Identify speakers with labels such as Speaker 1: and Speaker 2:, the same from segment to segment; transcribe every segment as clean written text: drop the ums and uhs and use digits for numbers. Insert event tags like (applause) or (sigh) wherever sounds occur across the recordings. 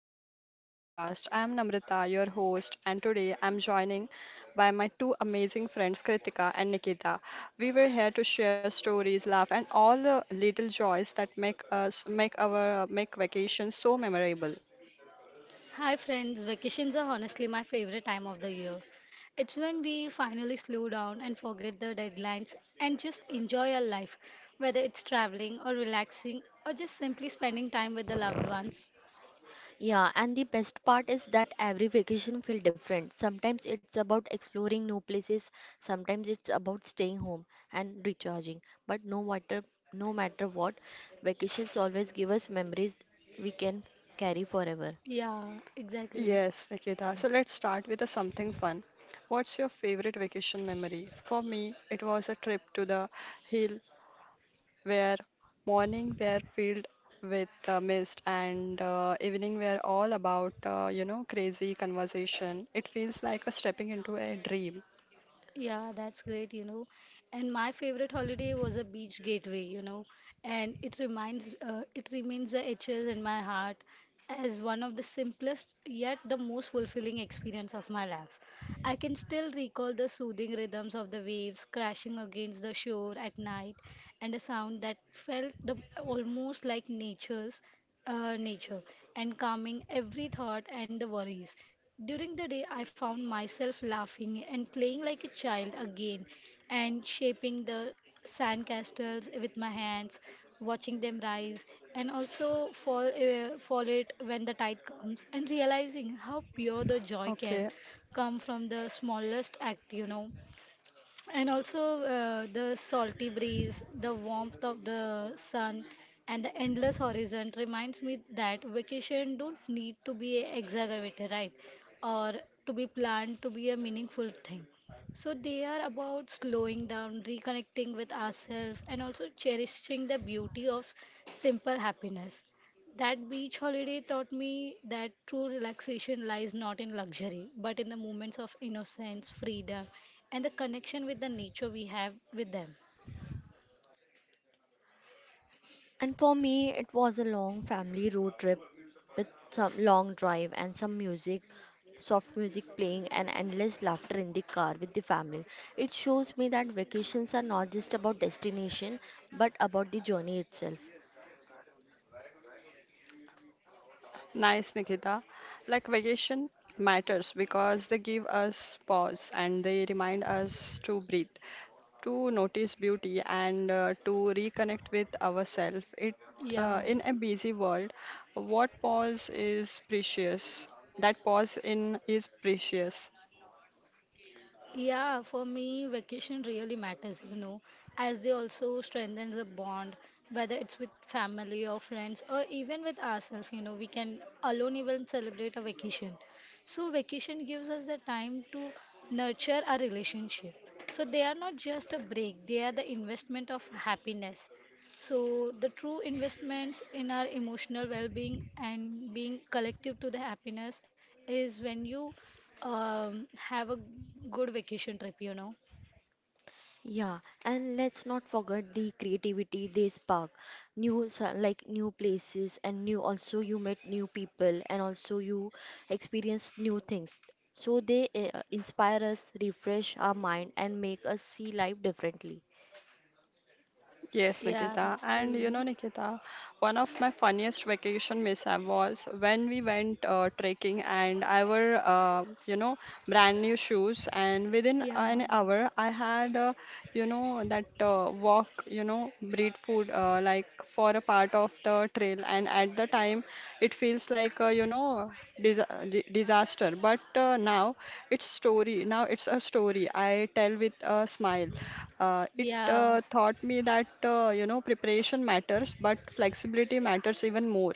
Speaker 1: vacation special podcast. I'm Namrita, your host, and today I'm joining by my two amazing friends, Kritika and Nikita. We were here to share stories, laugh, and all the little joys that make us make our make vacation so memorable.
Speaker 2: Hi friends, vacations are honestly my favorite time of the year. It's when we finally slow down and forget the deadlines and just enjoy our life, whether it's traveling or relaxing or just simply spending time with the loved ones.
Speaker 3: Yeah, and the best part is that every vacation feels different. Sometimes it's about exploring new places, sometimes it's about staying home and recharging. But no matter what, vacations always give us memories we can carry forever.
Speaker 2: Yeah, exactly.
Speaker 1: Yes, Nikita. So let's start with a something fun. What's your favorite vacation memory? For me, it was a trip to the hill where morning were filled with mist and evening were all about crazy conversation. It feels like a stepping into a dream.
Speaker 2: Yeah, that's great, you know. And my favorite holiday was a beach gateway, you know, and it remains the etches in my heart as one of the simplest yet the most fulfilling experience of my life. I can still recall the soothing rhythms of the waves crashing against the shore at night and a sound that felt the, almost like nature and calming every thought and the worries. During the day, I found myself laughing and playing like a child again and shaping the sandcastles with my hands, watching them rise and also fall it when the tide comes and realizing how pure the joy can
Speaker 1: Okay.
Speaker 2: come from the smallest act, you know. And also the salty breeze, the warmth of the sun, and the endless horizon reminds me that vacation don't need to be exaggerated, right? Or to be planned to be a meaningful thing. So they are about slowing down, reconnecting with ourselves, and also cherishing the beauty of simple happiness. That beach holiday taught me that true relaxation lies not in luxury, but in the moments of innocence, freedom, and the connection with the nature we have with them.
Speaker 3: And for me, it was a long family road trip with some long drive and some music, soft music playing, and endless laughter in the car with the family. It shows me that vacations are not just about destination but about the journey itself.
Speaker 1: Nice, Nikita. Like vacation matters because they give us pause and they remind us to breathe, to notice beauty and to reconnect with ourselves. It
Speaker 2: Yeah.
Speaker 1: In a busy world, what pause is precious. That pause in is precious.
Speaker 2: Yeah, for me, vacation really matters, you know, as they also strengthens a bond, whether it's with family or friends or even with ourselves, you know, we can alone even celebrate a vacation. So vacation gives us the time to nurture our relationship. So they are not just a break, they are the investment of happiness. So the true investments in our emotional well-being and being collective to the happiness is when you have a good vacation trip, you know.
Speaker 3: Yeah, and let's not forget the creativity they spark. Like new places, and new also you met new people, and also you experience new things. So they inspire us, refresh our mind, and make us see life differently.
Speaker 1: Yes,
Speaker 2: Yeah,
Speaker 1: Nikita.
Speaker 2: that's true,
Speaker 1: And
Speaker 2: you
Speaker 1: you
Speaker 2: know.
Speaker 1: know, Nikita, one of my funniest vacation mishap was when we went trekking and I were, brand new shoes. And within
Speaker 2: Yeah,
Speaker 1: an hour, I had, that walk, breed food like for a part of the trail. And at the time, it feels like, dis disaster. But now it's a story I tell with a smile. Uh, it
Speaker 2: yeah,
Speaker 1: uh, taught me that preparation matters, but flexibility matters even more.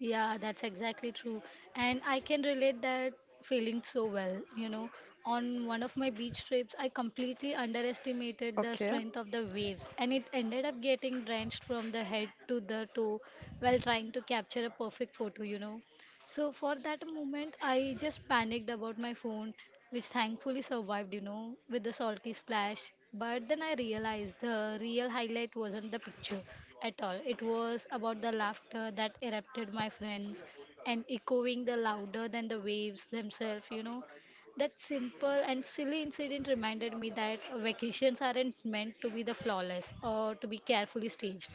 Speaker 2: yeah, that's exactly true. And I can relate that feeling so well, you know. On one of my beach trips, I completely underestimated the
Speaker 1: Okay.
Speaker 2: strength of the waves, and it ended up getting drenched from the head to the toe while trying to capture a perfect photo, you know. So for that moment, I just panicked about my phone, which thankfully survived, you know, with the salty splash. But then I realized the real highlight wasn't the picture at all. It was about the laughter that erupted my friends and echoing the louder than the waves themselves, you know. That simple and silly incident reminded me that vacations aren't meant to be the flawless or to be carefully staged.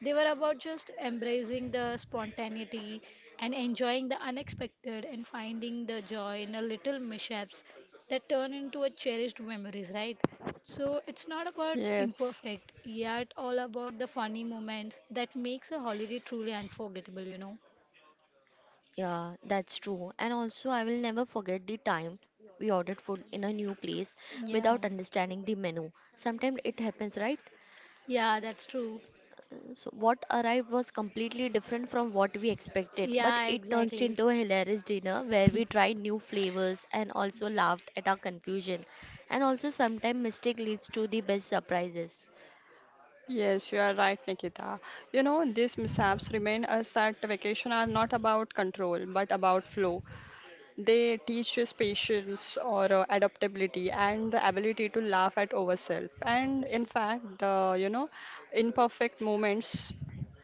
Speaker 2: They were about just embracing the spontaneity and enjoying the unexpected and finding the joy in the little mishaps that turn into a cherished memories, right? So it's not about
Speaker 1: Yes.
Speaker 2: imperfect, yet all about the funny moments that makes a holiday truly unforgettable, you know?
Speaker 3: Yeah, that's true. And also, I will never forget the time we ordered food in a new place
Speaker 2: Yeah.
Speaker 3: without understanding the menu. Sometimes it happens, right?
Speaker 2: Yeah, that's true.
Speaker 3: So what arrived was completely different from what we expected, but
Speaker 2: Yeah,
Speaker 3: it turned
Speaker 2: exactly.
Speaker 3: into a hilarious dinner where we tried new flavors and also laughed at our confusion. And also sometimes mistake leads to the best surprises.
Speaker 1: Yes, you are right, Nikita. You know, these mishaps remind us that vacation are not about control, but about flow. They teach us patience or adaptability and the ability to laugh at ourselves. And in fact, the, imperfect moments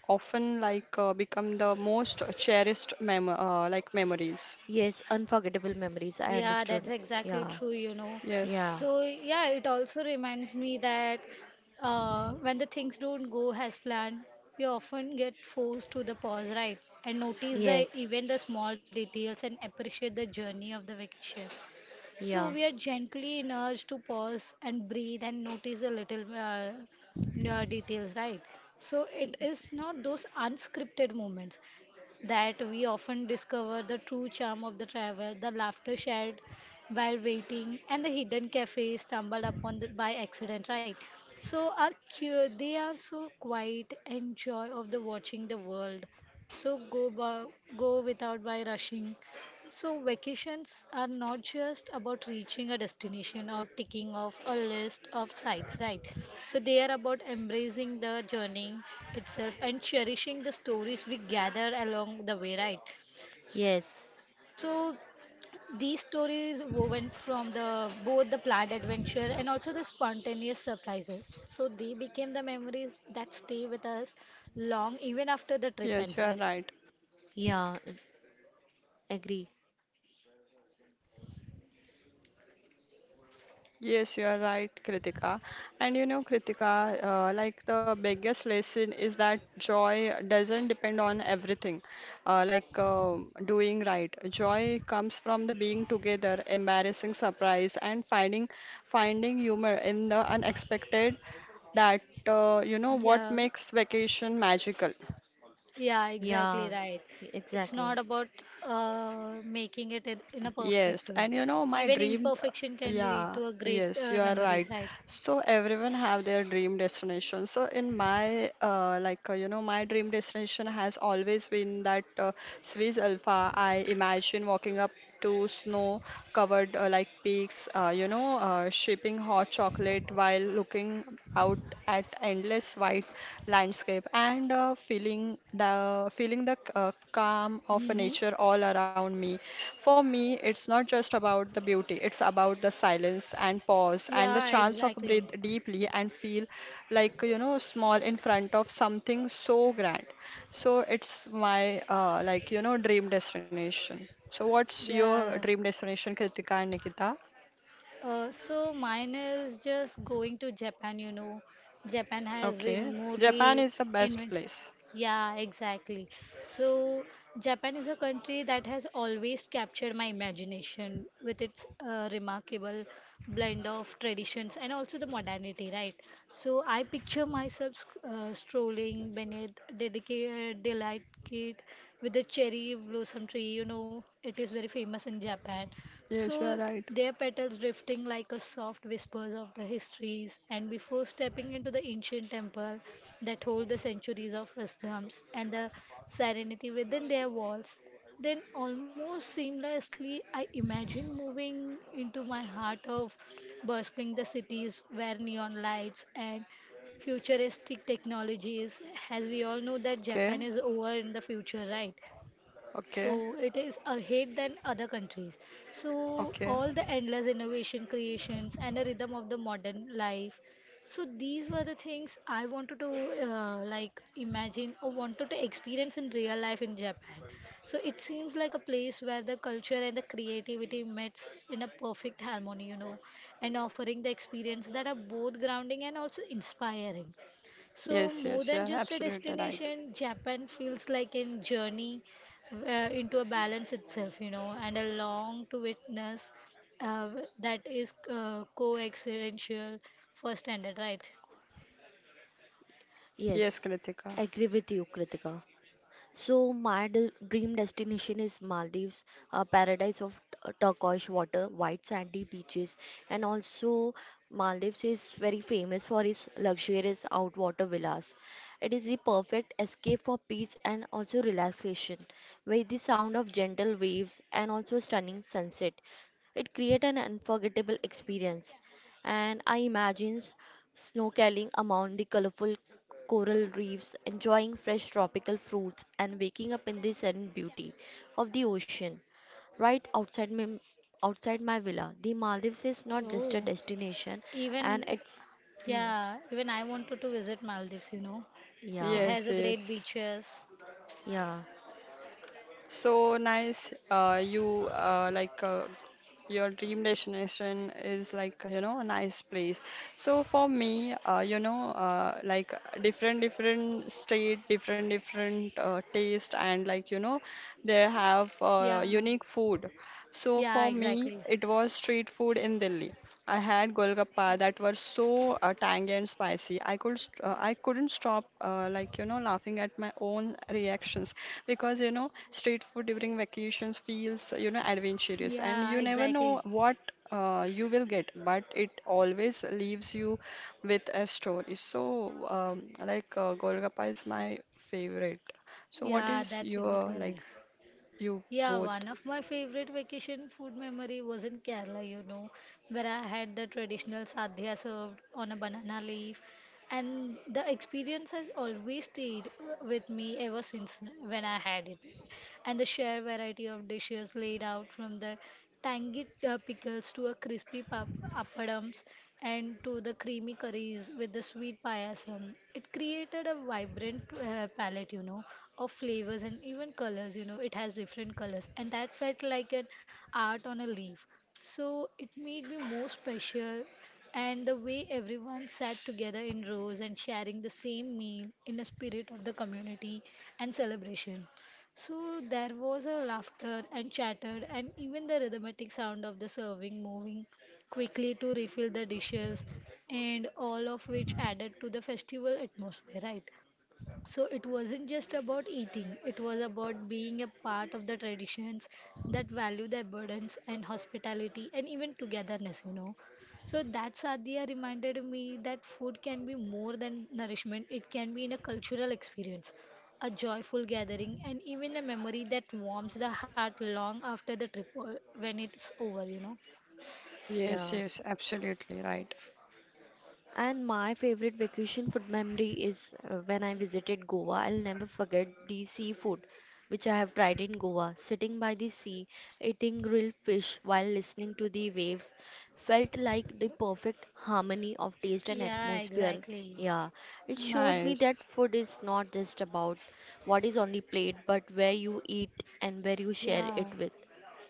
Speaker 1: often become the most cherished memories.
Speaker 3: Yes, unforgettable memories, I
Speaker 2: Yeah, that's
Speaker 3: understood.
Speaker 2: exactly
Speaker 3: Yeah.
Speaker 2: true, you know.
Speaker 1: Yes.
Speaker 3: Yeah.
Speaker 2: So, yeah, it also reminds me that when the things don't go as planned, we often get forced to the pause, right? And notice the
Speaker 3: Yes.
Speaker 2: even the small details and appreciate the journey of the vacation. So
Speaker 3: Yeah.
Speaker 2: we are gently nudged to pause and breathe and notice a little details, right? So
Speaker 3: y-
Speaker 2: it is not those unscripted moments that we often discover the true charm of the travel, the laughter shared while waiting, and the hidden cafe stumbled upon the, by accident, right? So our they are so quiet and joy of the watching the world. So go by, go without by rushing so, vacations are not just about reaching a destination or ticking off a list of sites, right? So, they are about embracing the journey itself and cherishing the stories we gather along the way, right? So,
Speaker 3: Yes.
Speaker 2: these stories woven from the both the planned adventure and also the spontaneous surprises. So, they became the memories that stay with us long even after the trip
Speaker 1: Yes,
Speaker 2: ends,
Speaker 1: you are
Speaker 2: right?
Speaker 1: right.
Speaker 3: Yeah. Agree.
Speaker 1: Yes, you are right, Kritika. And you know, Kritika, like the biggest lesson is that joy doesn't depend on everything, uh, like uh, doing right. Joy comes from the being together, embarrassing surprise, and finding humor in the unexpected. That you know what
Speaker 2: Yeah.
Speaker 1: makes vacation magical.
Speaker 2: Yeah, exactly
Speaker 3: Yeah.
Speaker 2: right. It's
Speaker 3: Exactly.
Speaker 2: not about making it in a perfect
Speaker 1: Yes,
Speaker 2: way.
Speaker 1: and you know my
Speaker 2: Even
Speaker 1: dream,
Speaker 2: imperfection can lead
Speaker 1: yeah,
Speaker 2: to a great
Speaker 1: yes, you are
Speaker 2: memories,
Speaker 1: right.
Speaker 2: right?
Speaker 1: So everyone have their dream destination. So in my my dream destination has always been that Swiss Alpha. I imagine walking up to snow-covered peaks, sipping hot chocolate while looking out at endless white landscape and feeling the calm of
Speaker 2: Mm-hmm.
Speaker 1: nature all around me. For me, it's not just about the beauty; it's about the silence and pause and the
Speaker 2: Yeah,
Speaker 1: chance of
Speaker 2: exactly.
Speaker 1: breathe deeply and feel like small in front of something so grand. So it's my dream destination. So what's your
Speaker 2: Yeah.
Speaker 1: dream destination, Kritika and Nikita?
Speaker 2: So mine is just going to Japan, you know. Japan has been
Speaker 1: Okay, Japan
Speaker 2: morely
Speaker 1: is the best
Speaker 2: invent.
Speaker 1: place.
Speaker 2: Yeah, exactly. So Japan is a country that has always captured my imagination with its remarkable blend of traditions and also the modernity, right? So I picture myself strolling beneath dedicated delight market with the cherry blossom tree. You know, it is very famous in Japan.
Speaker 1: Yes, you are
Speaker 2: So
Speaker 1: right.
Speaker 2: their petals drifting like a soft whispers of the histories. And before stepping into the ancient temple that hold the centuries of wisdoms and the serenity within their walls, then almost seamlessly I imagine moving into my heart of bustling the cities where neon lights and futuristic technologies as we all know that
Speaker 1: Okay,
Speaker 2: Japan is over in the future, right?
Speaker 1: okay,
Speaker 2: So it is ahead than other countries. So
Speaker 1: okay.
Speaker 2: all the endless innovation creations and the rhythm of the modern life. So these were the things I wanted to like imagine or wanted to experience in real life in Japan. So it seems like a place where the culture and the creativity meets in a perfect harmony, you know, and offering the experience that are both grounding and also inspiring. So,
Speaker 1: Yes,
Speaker 2: more
Speaker 1: yes, you
Speaker 2: than
Speaker 1: are
Speaker 2: just a
Speaker 1: absolutely right.
Speaker 2: destination, Japan feels like a journey into a balance itself, you know, and a long to witness uh, that is coexistential for standard, right?
Speaker 1: Yes,
Speaker 3: Yes.
Speaker 1: Kritika.
Speaker 3: I agree with you, Kritika. So dream destination is Maldives, a paradise of turquoise water, white sandy beaches, and also Maldives is very famous for its luxurious outwater villas. It is the perfect escape for peace and also relaxation, with the sound of gentle waves and also stunning sunset. It creates an unforgettable experience, and I imagine snorkeling among the colorful coral reefs, enjoying fresh tropical fruits, and waking up in the serene beauty of the ocean. Right outside my, Outside my villa, the Maldives is not just a
Speaker 2: Oh.
Speaker 3: destination, and
Speaker 2: Even,
Speaker 3: it's hmm,
Speaker 2: yeah, even I wanted to visit Maldives, you know.
Speaker 3: yeah,
Speaker 2: It has
Speaker 1: Yes,
Speaker 2: a great
Speaker 1: yes.
Speaker 2: beaches.
Speaker 3: yeah,
Speaker 1: So nice. Your dream destination is like a nice place. So for me, different different state, different different taste, and like they have
Speaker 2: Yeah,
Speaker 1: unique food. So
Speaker 2: yeah,
Speaker 1: for me,
Speaker 2: exactly.
Speaker 1: it was street food in Delhi. I had Golgappa that were so tangy and spicy. I couldn't stop laughing at my own reactions because street food during vacations feels adventurous and
Speaker 2: Yeah,
Speaker 1: you never know
Speaker 2: exactly.
Speaker 1: what you will get, but it always leaves you with a story. So Golgappa is my favorite. So what
Speaker 2: Yeah,
Speaker 1: is
Speaker 2: that's
Speaker 1: your
Speaker 2: exactly
Speaker 1: like
Speaker 2: right.
Speaker 1: you
Speaker 2: Yeah,
Speaker 1: both?
Speaker 2: one of my favorite vacation food memory was in Kerala, you know, where I had the traditional sadhya served on a banana leaf, and the experience has always stayed with me ever since when I had it and the sheer variety of dishes laid out from the tangy pickles to a crispy appadums and to the creamy curries with the sweet payasam. It created a vibrant palette, you know, of flavors and even colors, you know, it has different colors, and that felt like an art on a leaf. So it made me more special and the way everyone sat together in rows and sharing the same meal in a spirit of the community and celebration. So there was a laughter and chatter, and even the rhythmic sound of the serving moving quickly to refill the dishes, and all of which added to the festival atmosphere, right? So it wasn't just about eating, it was about being a part of the traditions that value the abundance and hospitality and even togetherness, you know. So that sadhya reminded me that food can be more than nourishment, it can be in a cultural experience, a joyful gathering, and even a memory that warms the heart long after the trip, when it's over, you know.
Speaker 1: Yes,
Speaker 3: yeah.
Speaker 1: yes, absolutely right.
Speaker 3: And my favorite vacation food memory is when I visited Goa. I'll never forget the seafood which I have tried in Goa. Sitting by the sea, eating grilled fish while listening to the waves felt like the perfect harmony of taste and
Speaker 2: Yeah,
Speaker 3: atmosphere.
Speaker 2: exactly.
Speaker 3: Yeah, it showed me
Speaker 1: Nice.
Speaker 3: that food is not just about what is on the plate, but where you eat and where you share
Speaker 2: Yeah,
Speaker 3: it with.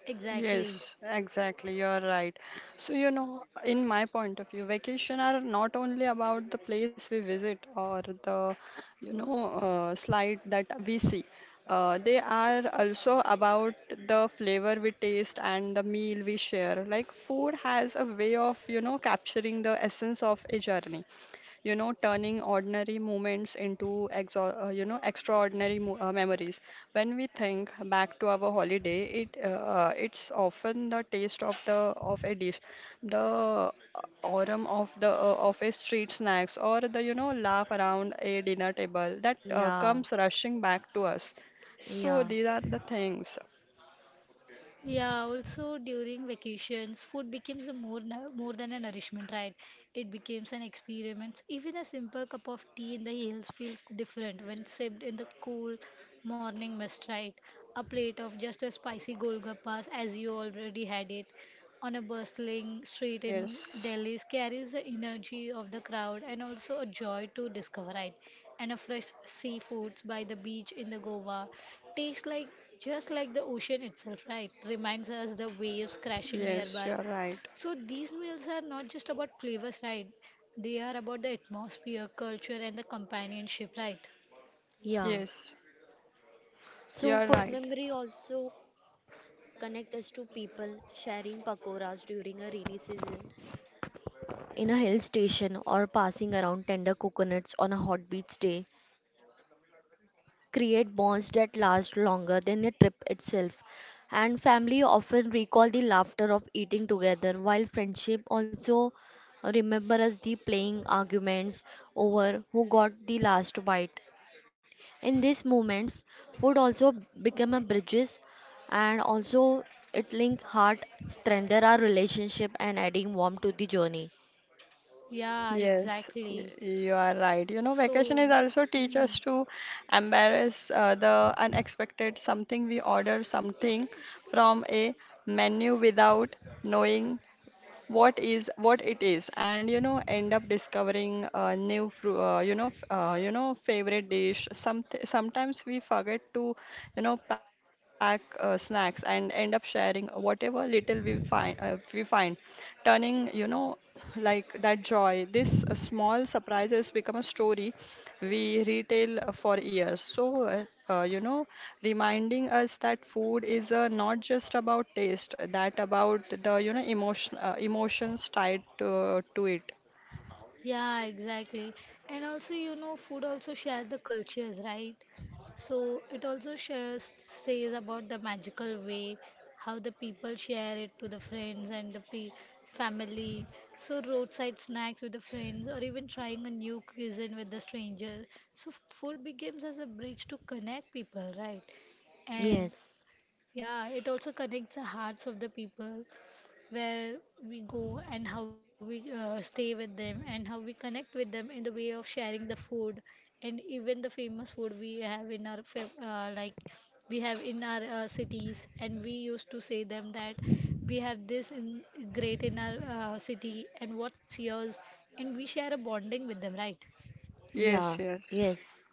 Speaker 2: exactly.
Speaker 1: Yes, exactly. You're right. So, you know, in my point of view, vacation are not only about the place we visit or the, slide that we see. They are also about the flavor we taste and the meal we share. Like food has a way of, capturing the essence of a journey, turning ordinary moments into extraordinary mo- memories. When we think back to our holiday, it's often the taste of the of a dish, the aroma of the of a street snacks, or the laugh around a dinner table that
Speaker 3: Yeah,
Speaker 1: comes rushing back to us. So
Speaker 3: yeah.
Speaker 1: these are the things.
Speaker 2: Yeah, also during vacations, food becomes a more than a nourishment, right? It becomes an experiment. Even a simple cup of tea in the hills feels different when sipped in the cool morning mist, right? A plate of just a spicy golgappas as you already had it on a bustling street in
Speaker 1: Yes,
Speaker 2: Delhi carries the energy of the crowd and also a joy to discover it. And a fresh seafoods by the beach in the Goa tastes like just like the ocean itself, right? Reminds us the waves crashing
Speaker 1: yes, you
Speaker 2: nearby.
Speaker 1: are right.
Speaker 2: So these meals are not just about flavors, right? They are about the atmosphere, culture, and the companionship, right?
Speaker 3: Yeah.
Speaker 1: Yes, you
Speaker 3: So
Speaker 1: are
Speaker 3: food
Speaker 1: right.
Speaker 3: memory also connect us to people sharing pakoras during a rainy season in a hill station or passing around tender coconuts on a hot beach day. Create bonds that last longer than the trip itself. And family often recall the laughter of eating together, while friendship also remembers the playing arguments over who got the last bite. In these moments, food also become a bridges and also it link heart, strengthen our relationship and adding warmth to the journey.
Speaker 2: Yeah,
Speaker 1: Yes,
Speaker 2: exactly.
Speaker 1: you are right. You know, vacation
Speaker 2: So,
Speaker 1: is also teach us to embrace the unexpected, something we order something
Speaker 2: hmm.
Speaker 1: from a menu without knowing what it is, and end up discovering a new fru you know, f- you know, favorite dish. Sometimes we forget to, pack snacks and end up sharing whatever little we find, turning, that joy. This small surprises become a story we retail for years. So, reminding us that food is not just about taste, that about the, emotions tied to it.
Speaker 2: Yeah, exactly. And also, you know, food also shares the cultures, right? So it also shares says about the magical way how the people share it to the friends and the pe family. So roadside snacks with the friends or even trying a new cuisine with the stranger. So food becomes as a bridge to connect people, right? And
Speaker 3: Yes.
Speaker 2: yeah, it also connects the hearts of the people where we go and how we stay with them and how we connect with them in the way of sharing the food and even the famous food we have in our we have in our cities and we used to say them that we have this in, great in our city and what's yours and we share a bonding with them, right?
Speaker 1: Yes,
Speaker 3: Yeah.
Speaker 1: yes.
Speaker 3: Yes.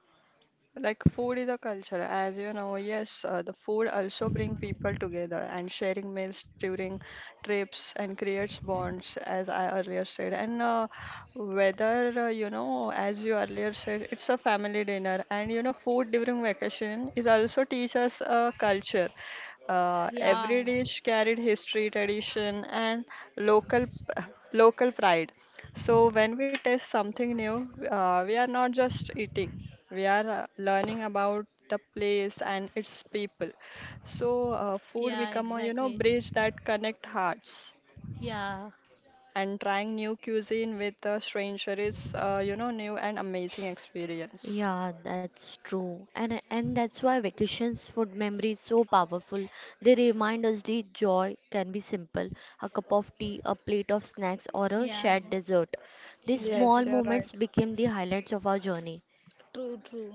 Speaker 1: Like food is a culture, as you know. Yes, the food also bring people together and sharing meals during trips and creates bonds, as I earlier said. And whether as you earlier said, it's a family dinner, and food during vacation is also teach us a culture.
Speaker 2: Yeah,
Speaker 1: Every dish carried history, tradition, and local local pride. So when we taste something new, we are not just eating. We are learning about the place and its people. So food
Speaker 2: yeah,
Speaker 1: become a
Speaker 2: exactly.
Speaker 1: bridge that connect hearts.
Speaker 2: Yeah,
Speaker 1: And trying new cuisine with a stranger is new and amazing experience.
Speaker 3: Yeah, that's true. And that's why vacations food memory is so powerful. They remind us the joy can be simple, a cup of tea, a plate of snacks or a
Speaker 2: yeah,
Speaker 3: shared dessert. These small
Speaker 1: Yes,
Speaker 2: exactly.
Speaker 1: you're
Speaker 3: moments
Speaker 1: right.
Speaker 3: became the highlights of our journey.
Speaker 2: True, true.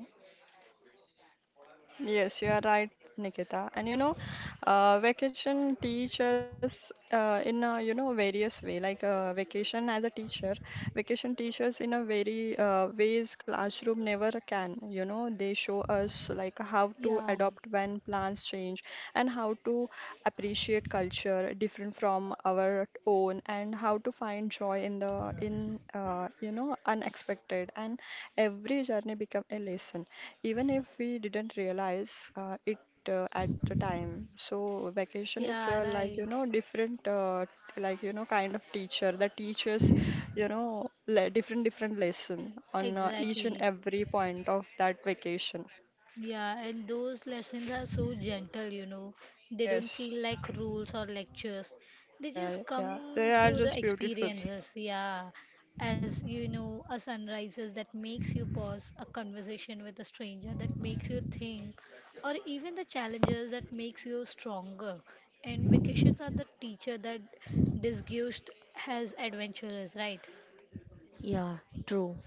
Speaker 1: Yes, you are right, Nikita. And you know, vacation teaches in a various way. Vacation as a teacher, vacation teaches in a very ways classroom never can. You know, they show us like how to
Speaker 2: Yeah,
Speaker 1: adopt when plans change and how to appreciate culture different from our own and how to find joy in the in you know unexpected and every journey become a lesson even if we didn't realize it at the time, so vacation is
Speaker 2: yeah, right.
Speaker 1: different kind of teacher that teaches, you know le different different lesson on each and
Speaker 2: Exactly.
Speaker 1: every point of that vacation.
Speaker 2: Yeah, and those lessons are so gentle, you know. They don't
Speaker 1: Yes.
Speaker 2: feel like rules or lectures. They
Speaker 1: Yeah,
Speaker 2: just
Speaker 1: yeah,
Speaker 2: come
Speaker 1: they are
Speaker 2: through the
Speaker 1: just beautiful.
Speaker 2: experiences. Yeah. As you know, a sunrises that makes you pause, a conversation with a stranger that makes you think, or even the challenges that makes you stronger. And vacations are the teacher that disgust has adventurers, right?
Speaker 3: Yeah, true.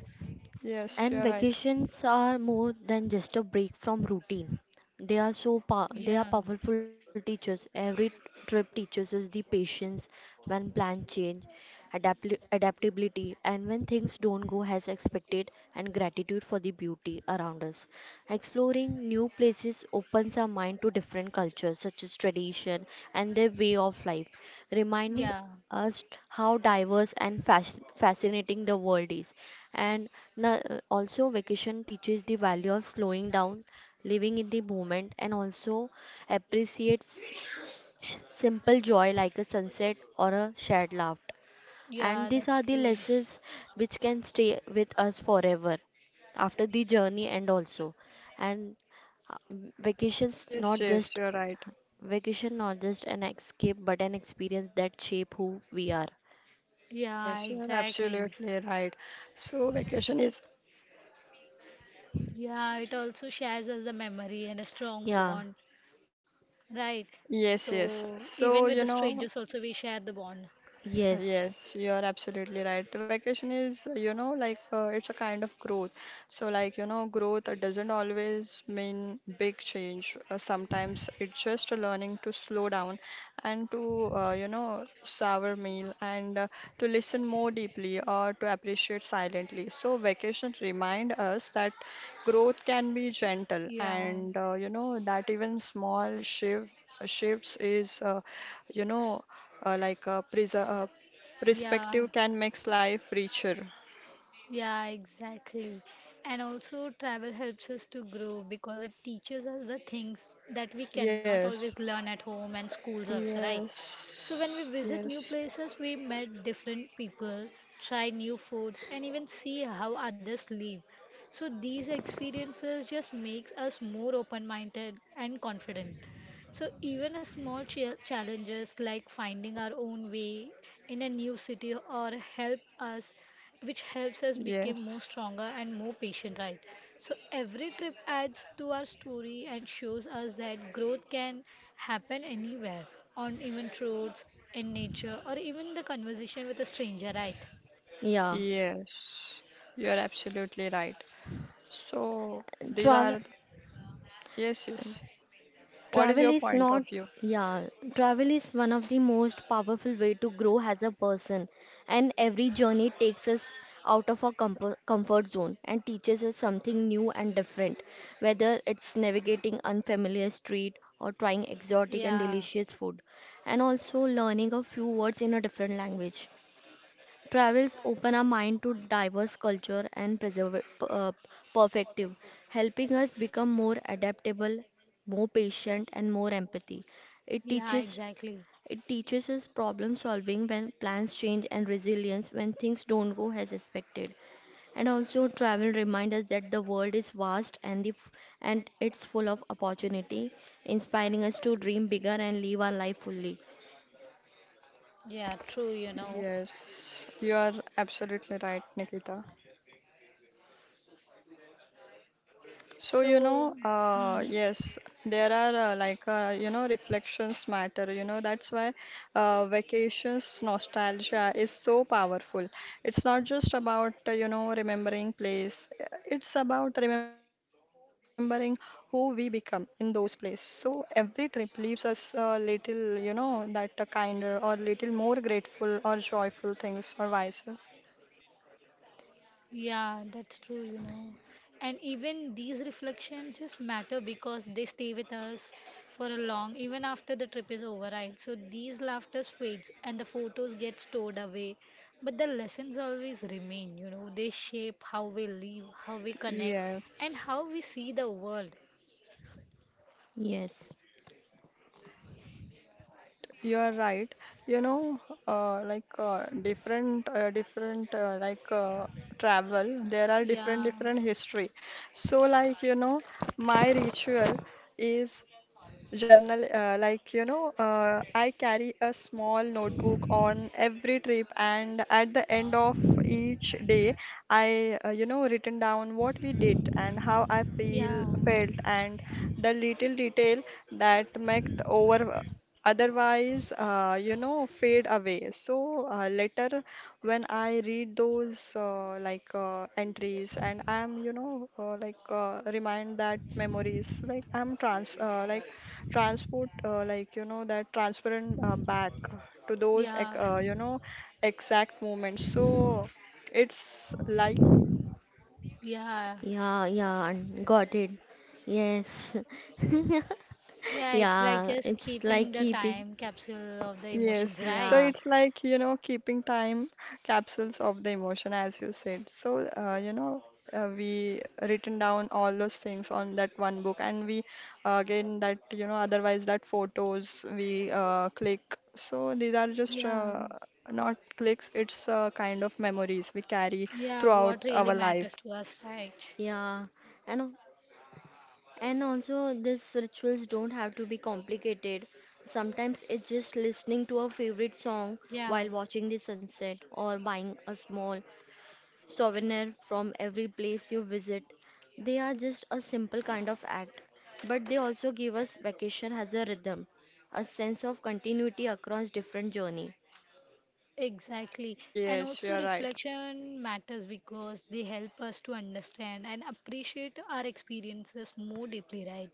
Speaker 1: Yes, you're
Speaker 3: And
Speaker 1: right.
Speaker 3: vacations are more than just a break from routine. They are they
Speaker 2: Yeah.
Speaker 3: are powerful teachers. Every trip teaches us the patience when plans change, adaptability, and when things don't go as expected, and gratitude for the beauty around us. Exploring new places opens our mind to different cultures, such as tradition and their way of life, reminding
Speaker 2: Yeah.
Speaker 3: us how diverse and fascinating the world is. And na- also, vacation teaches the value of slowing down, living in the moment, and also appreciates simple joy like a sunset or a shared laugh. And
Speaker 2: Yeah,
Speaker 3: these are
Speaker 2: that's
Speaker 3: the
Speaker 2: true.
Speaker 3: lessons which can stay with us forever after the journey and also. And uh, vacations
Speaker 1: Yes,
Speaker 3: not
Speaker 1: yes,
Speaker 3: just
Speaker 1: you're right.
Speaker 3: vacation not just an escape but an experience that shape who we are.
Speaker 2: Yeah,
Speaker 1: Yes, you are
Speaker 2: exactly.
Speaker 1: absolutely right. So vacation is
Speaker 2: Yeah, it also shares us a memory and a strong
Speaker 3: Yeah.
Speaker 2: bond, right?
Speaker 1: yes, yes.
Speaker 2: So even with
Speaker 1: So
Speaker 2: the
Speaker 1: you
Speaker 2: strangers
Speaker 1: know,
Speaker 2: also we share the bond.
Speaker 3: Yes.
Speaker 1: yes, you are absolutely right. The vacation is, you know, like it's a kind of growth. So, like, you know, growth doesn't always mean big change. Sometimes it's just a learning to slow down and to, savor meal and to listen more deeply or to appreciate silently. So, vacation remind us that growth can be gentle
Speaker 2: Yeah,
Speaker 1: and, that even small shifts is, you know, uh, like uh, preser- uh,
Speaker 2: yeah,
Speaker 1: Perspective can make life richer.
Speaker 2: Yeah, exactly. And also, travel helps us to grow because it teaches us the things that we cannot
Speaker 1: Yes,
Speaker 2: always learn at home and schools, also, right?
Speaker 1: yes,
Speaker 2: So, when we visit new
Speaker 1: yes.
Speaker 2: places, we met different people, try new foods, and even see how others live. So, these experiences just makes us more open-minded and confident. So even a small challenges like finding our own way in a new city or help us which helps us become more
Speaker 1: Yes,
Speaker 2: stronger and more patient, right? So every trip adds to our story and shows us that growth can happen anywhere, on even roads, in nature, or even the conversation with a stranger, right?
Speaker 3: Yeah.
Speaker 1: yes, you are absolutely right. So, these
Speaker 3: Travel.
Speaker 1: are, yes, yes. What is
Speaker 3: Travel
Speaker 1: your
Speaker 3: is
Speaker 1: point of
Speaker 3: not,
Speaker 1: view?
Speaker 3: yeah, Travel is one of the most powerful way to grow as a person, and every journey takes us out of our comfort zone and teaches us something new and different, whether it's navigating unfamiliar street or trying exotic and
Speaker 2: yeah
Speaker 3: delicious food, and also learning a few words in a different language. Travels open our mind to diverse culture and perspective, helping us become more adaptable, more patient, and more empathy. It
Speaker 2: yeah
Speaker 3: teaches
Speaker 2: exactly.
Speaker 3: it teaches us problem solving when plans change and resilience when things don't go as expected. And also, travel reminds us that the world is vast and and it's full of opportunity, inspiring us to dream bigger and live our life fully.
Speaker 2: Yeah, true, you know.
Speaker 1: Yes, you are absolutely right, Nikita. So,
Speaker 2: So
Speaker 1: you know,
Speaker 2: mhm.
Speaker 1: yes, there are reflections matter. You know, that's why vacations nostalgia is so powerful. It's not just about, remembering place, it's about remembering who we become in those places. So, every trip leaves us a little, you know, that kinder or little more grateful or joyful things or wiser.
Speaker 2: Yeah, that's true, you know. And even these reflections just matter because they stay with us for a long, even after the trip is over, right? So these laughter fades and the photos get stored away. But the lessons always remain, you know. They shape how we live, how we connect, and
Speaker 1: Yes,
Speaker 2: how we see the world.
Speaker 3: Yes.
Speaker 1: right. You are right. You know, different, travel. There are different,
Speaker 2: Yeah,
Speaker 1: different history. So, like you know, my ritual is journal. Like you know, I carry a small notebook on every trip, and at the end of each day, I written down what we did and how I feel
Speaker 2: yeah,
Speaker 1: felt and the little detail that make the over otherwise fade away. So later when I read those entries and I am remind that memories, like I'm transport that transparent back to those
Speaker 2: yeah,
Speaker 1: exact moments. So it's like
Speaker 2: yeah.
Speaker 3: Yeah, yeah, and got it. Yes. (laughs)
Speaker 2: Yeah, it's like
Speaker 3: Yeah,
Speaker 2: just
Speaker 3: it's like
Speaker 2: keeping the
Speaker 3: keeping.
Speaker 2: time capsule of the
Speaker 1: yes,
Speaker 2: emotions,
Speaker 1: so
Speaker 3: Yeah,
Speaker 2: right?
Speaker 1: it's like, you know, keeping time capsules of the emotion, as you said. So, we written down all those things on that one book, and we again that, otherwise that photos we click. So these are just
Speaker 2: Yeah.
Speaker 1: not clicks, it's kind of memories we carry
Speaker 2: Yeah,
Speaker 1: throughout
Speaker 2: what
Speaker 1: our
Speaker 2: really
Speaker 1: life.
Speaker 2: matters to us, right?
Speaker 3: yeah. And al- and also these rituals don't have to be complicated. Sometimes it's just listening to a favorite song
Speaker 2: Yeah.
Speaker 3: while watching the sunset or buying a small souvenir from every place you visit. They are just a simple kind of act, but they also give us vacation as a rhythm, a sense of continuity across different journey.
Speaker 2: Exactly. And
Speaker 1: Yes,
Speaker 2: also,
Speaker 1: you're right.
Speaker 2: reflection matters because they help us to understand and appreciate our experiences more deeply, right?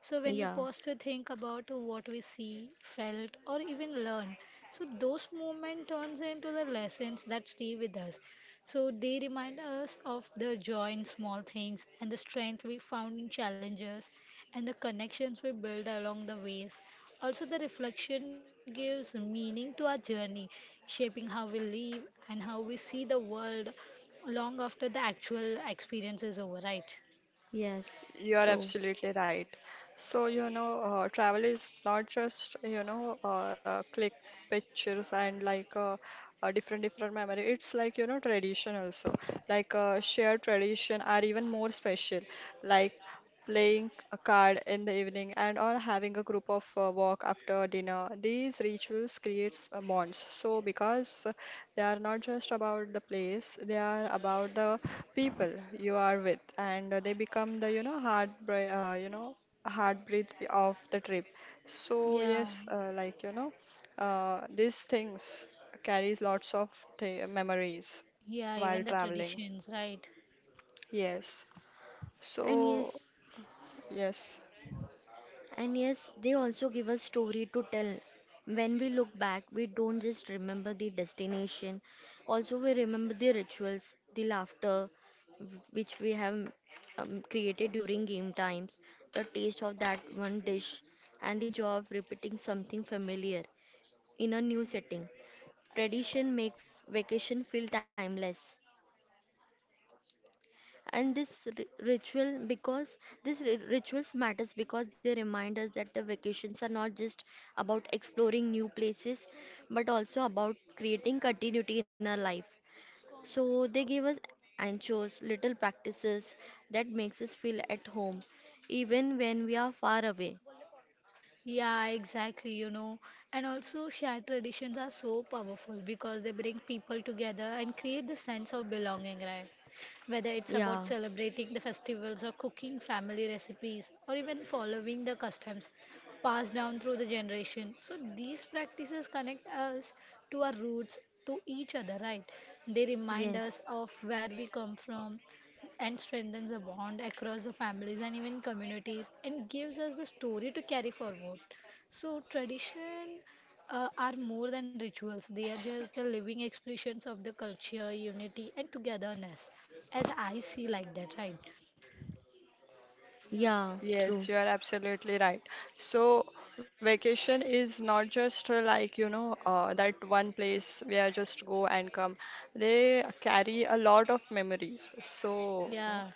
Speaker 2: So, when we
Speaker 3: Yeah,
Speaker 2: pause to think about what we see, felt, or even learn, so those moments turns into the lessons that stay with us. So, they remind us of the joy in small things and the strength we found in challenges and the connections we build along the ways. Also, the reflection gives meaning to our journey, shaping how we live and how we see the world long after the actual experience is over, right?
Speaker 3: yes,
Speaker 1: You are
Speaker 3: true.
Speaker 1: absolutely right. So, you know, travel is not just, click pictures and a different different memory. It's like, you know, tradition also. Shared tradition are even more special. Like playing a card in the evening and or having a group of walk after dinner. These rituals creates bonds. So because they are not just about the place, they are about the people you are with and they become the hard breath of the trip. So
Speaker 2: Yeah,
Speaker 1: yes, these things carries lots of memories
Speaker 2: yeah,
Speaker 1: while
Speaker 2: even the
Speaker 1: traveling.
Speaker 2: traditions, right?
Speaker 1: Yes.
Speaker 3: And
Speaker 1: So
Speaker 3: yes,
Speaker 1: yes,
Speaker 3: and yes, they also give us story to tell. When we look back, we don't just remember the destination, also we remember the rituals, the laughter which we have created during game times, the taste of that one dish, and the joy of repeating something familiar in a new setting. Tradition makes vacation feel timeless. And rituals matters because they remind us that the vacations are not just about exploring new places but also about creating continuity in our life. So they give us anchors, little practices that makes us feel at home even when we are far away.
Speaker 2: Yeah, exactly, you know. And also, shared traditions are so powerful because they bring people together and create the sense of belonging, right? Whether it's
Speaker 3: Yeah,
Speaker 2: about celebrating the festivals or cooking family recipes or even following the customs passed down through the generation. So, these practices connect us to our roots, to each other, right? They remind us
Speaker 3: yes,
Speaker 2: of where we come from and strengthens the bond across the families and even communities and gives us the story to carry forward. So tradition are more than rituals. They are just the living expressions of the culture, unity and togetherness as I see like that, right?
Speaker 3: yeah, true,
Speaker 1: yes, you are absolutely right. So, vacation is not just that one place where just go and come. They carry a lot of memories. So,
Speaker 2: Yeah.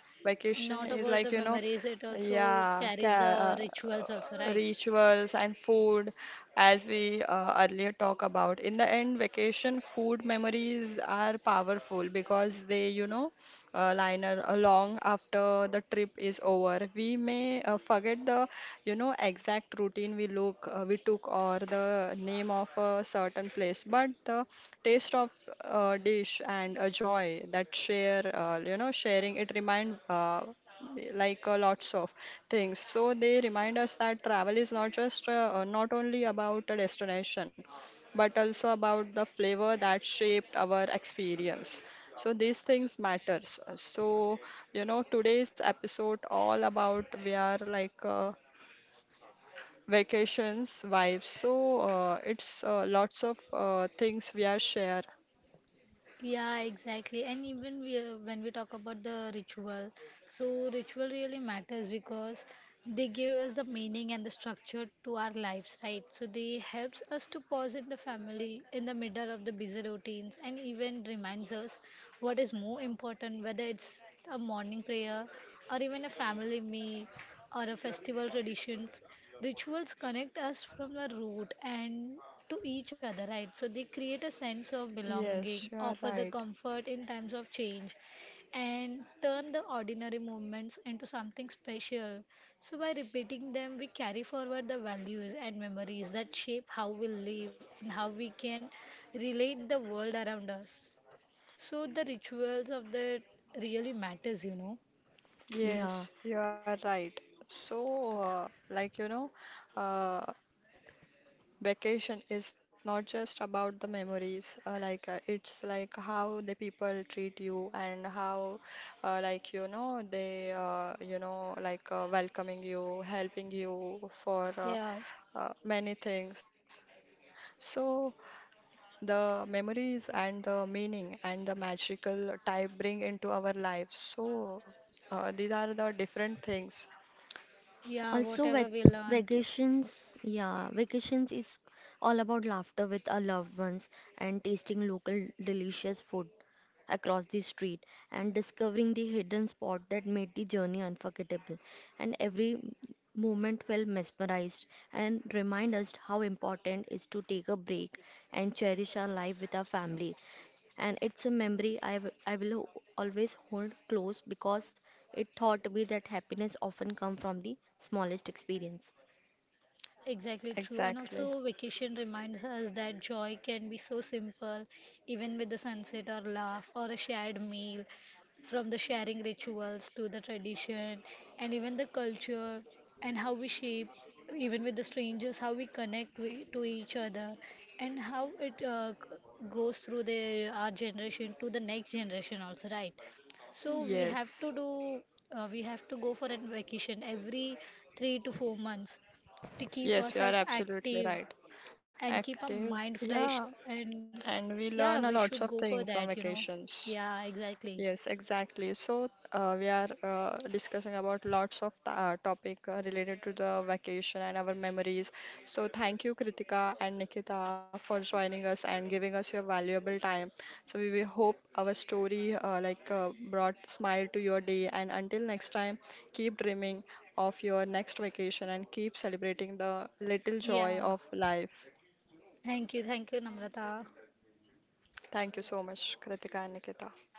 Speaker 2: And
Speaker 1: vacation
Speaker 2: not
Speaker 1: is
Speaker 2: about
Speaker 1: like,
Speaker 2: the memories, it also
Speaker 1: yeah, ca
Speaker 2: carries the rituals also, right?
Speaker 1: rituals and food, as we earlier talk about. In the end, vacation food memories are powerful because they, liner along after the trip is over. We may forget the, exact routine we took or the name of a certain place, but the taste of a dish and a joy that share, sharing it remind. Lots of things, so they remind us that travel is not only about a destination but also about the flavor that shaped our experience. So these things matters. You know, today's episode all about we are vacations vibes. So it's lots of things we are share.
Speaker 2: Yeah, exactly. And even we, when we talk about the ritual, so ritual really matters because they give us the meaning and the structure to our lives, right? So they helps us to pause in the family in the middle of the busy routines and even reminds us what is more important, whether it's a morning prayer or even a family meal or a festival traditions. Rituals connect us from the root and to each other, right? So they create a sense of belonging,
Speaker 1: Yes, you are
Speaker 2: offer the
Speaker 1: right.
Speaker 2: comfort in times of change, and turn the ordinary moments into something special. So by repeating them, we carry forward the values and memories that shape how we live and how we can relate the world around us. So the rituals of that really matters, you know.
Speaker 3: yeah.
Speaker 1: Yes, you are right. So uh, like you know uh, vacation is not just about the memories, it's like how the people treat you and how, they, welcoming you, helping you for
Speaker 2: Yeah.
Speaker 1: many things. So the memories and the meaning and the magical type bring into our lives. So these are the different things.
Speaker 2: Yeah,
Speaker 3: Also,
Speaker 2: whatever we learned.
Speaker 3: vacations is all about laughter with our loved ones and tasting local delicious food across the street and discovering the hidden spot that made the journey unforgettable. And every movement felt mesmerized and remind us how important is to take a break and cherish our life with our family. And it's a memory I will always hold close because it taught me that happiness often comes from the smallest experience.
Speaker 2: Exactly true. And
Speaker 1: Exactly.
Speaker 2: also, vacation reminds us that joy can be so simple, even with the sunset or laugh or a shared meal, from the sharing rituals to the tradition and even the culture and how we shape, even with the strangers, how we connect we, to each other and how it goes through the our generation to the next generation also, right? So we have
Speaker 1: Yes.
Speaker 2: to we have to go for a vacation every 3 to 4 months to keep
Speaker 1: Yes, you are
Speaker 2: ourselves
Speaker 1: absolutely
Speaker 2: active
Speaker 1: right.
Speaker 2: and keep our
Speaker 1: Active,
Speaker 2: mind fresh.
Speaker 1: yeah,
Speaker 2: And
Speaker 1: and we
Speaker 2: yeah, we
Speaker 1: learn a
Speaker 2: should go
Speaker 1: lots of
Speaker 2: for that,
Speaker 1: things
Speaker 2: you
Speaker 1: from
Speaker 2: know.
Speaker 1: vacations.
Speaker 2: Yeah, exactly.
Speaker 1: Yes, exactly. So, we are discussing about lots of topic related to the vacation and our memories. So, thank you, Kritika and Nikita, for joining us and giving us your valuable time. So, we hope our story brought smile to your day. And until next time, keep dreaming of your next vacation and keep celebrating the little
Speaker 2: Yeah.
Speaker 1: joy of life.
Speaker 2: Thank you. Thank you, Namrata.
Speaker 1: Thank you so much, Kritika and Nikita.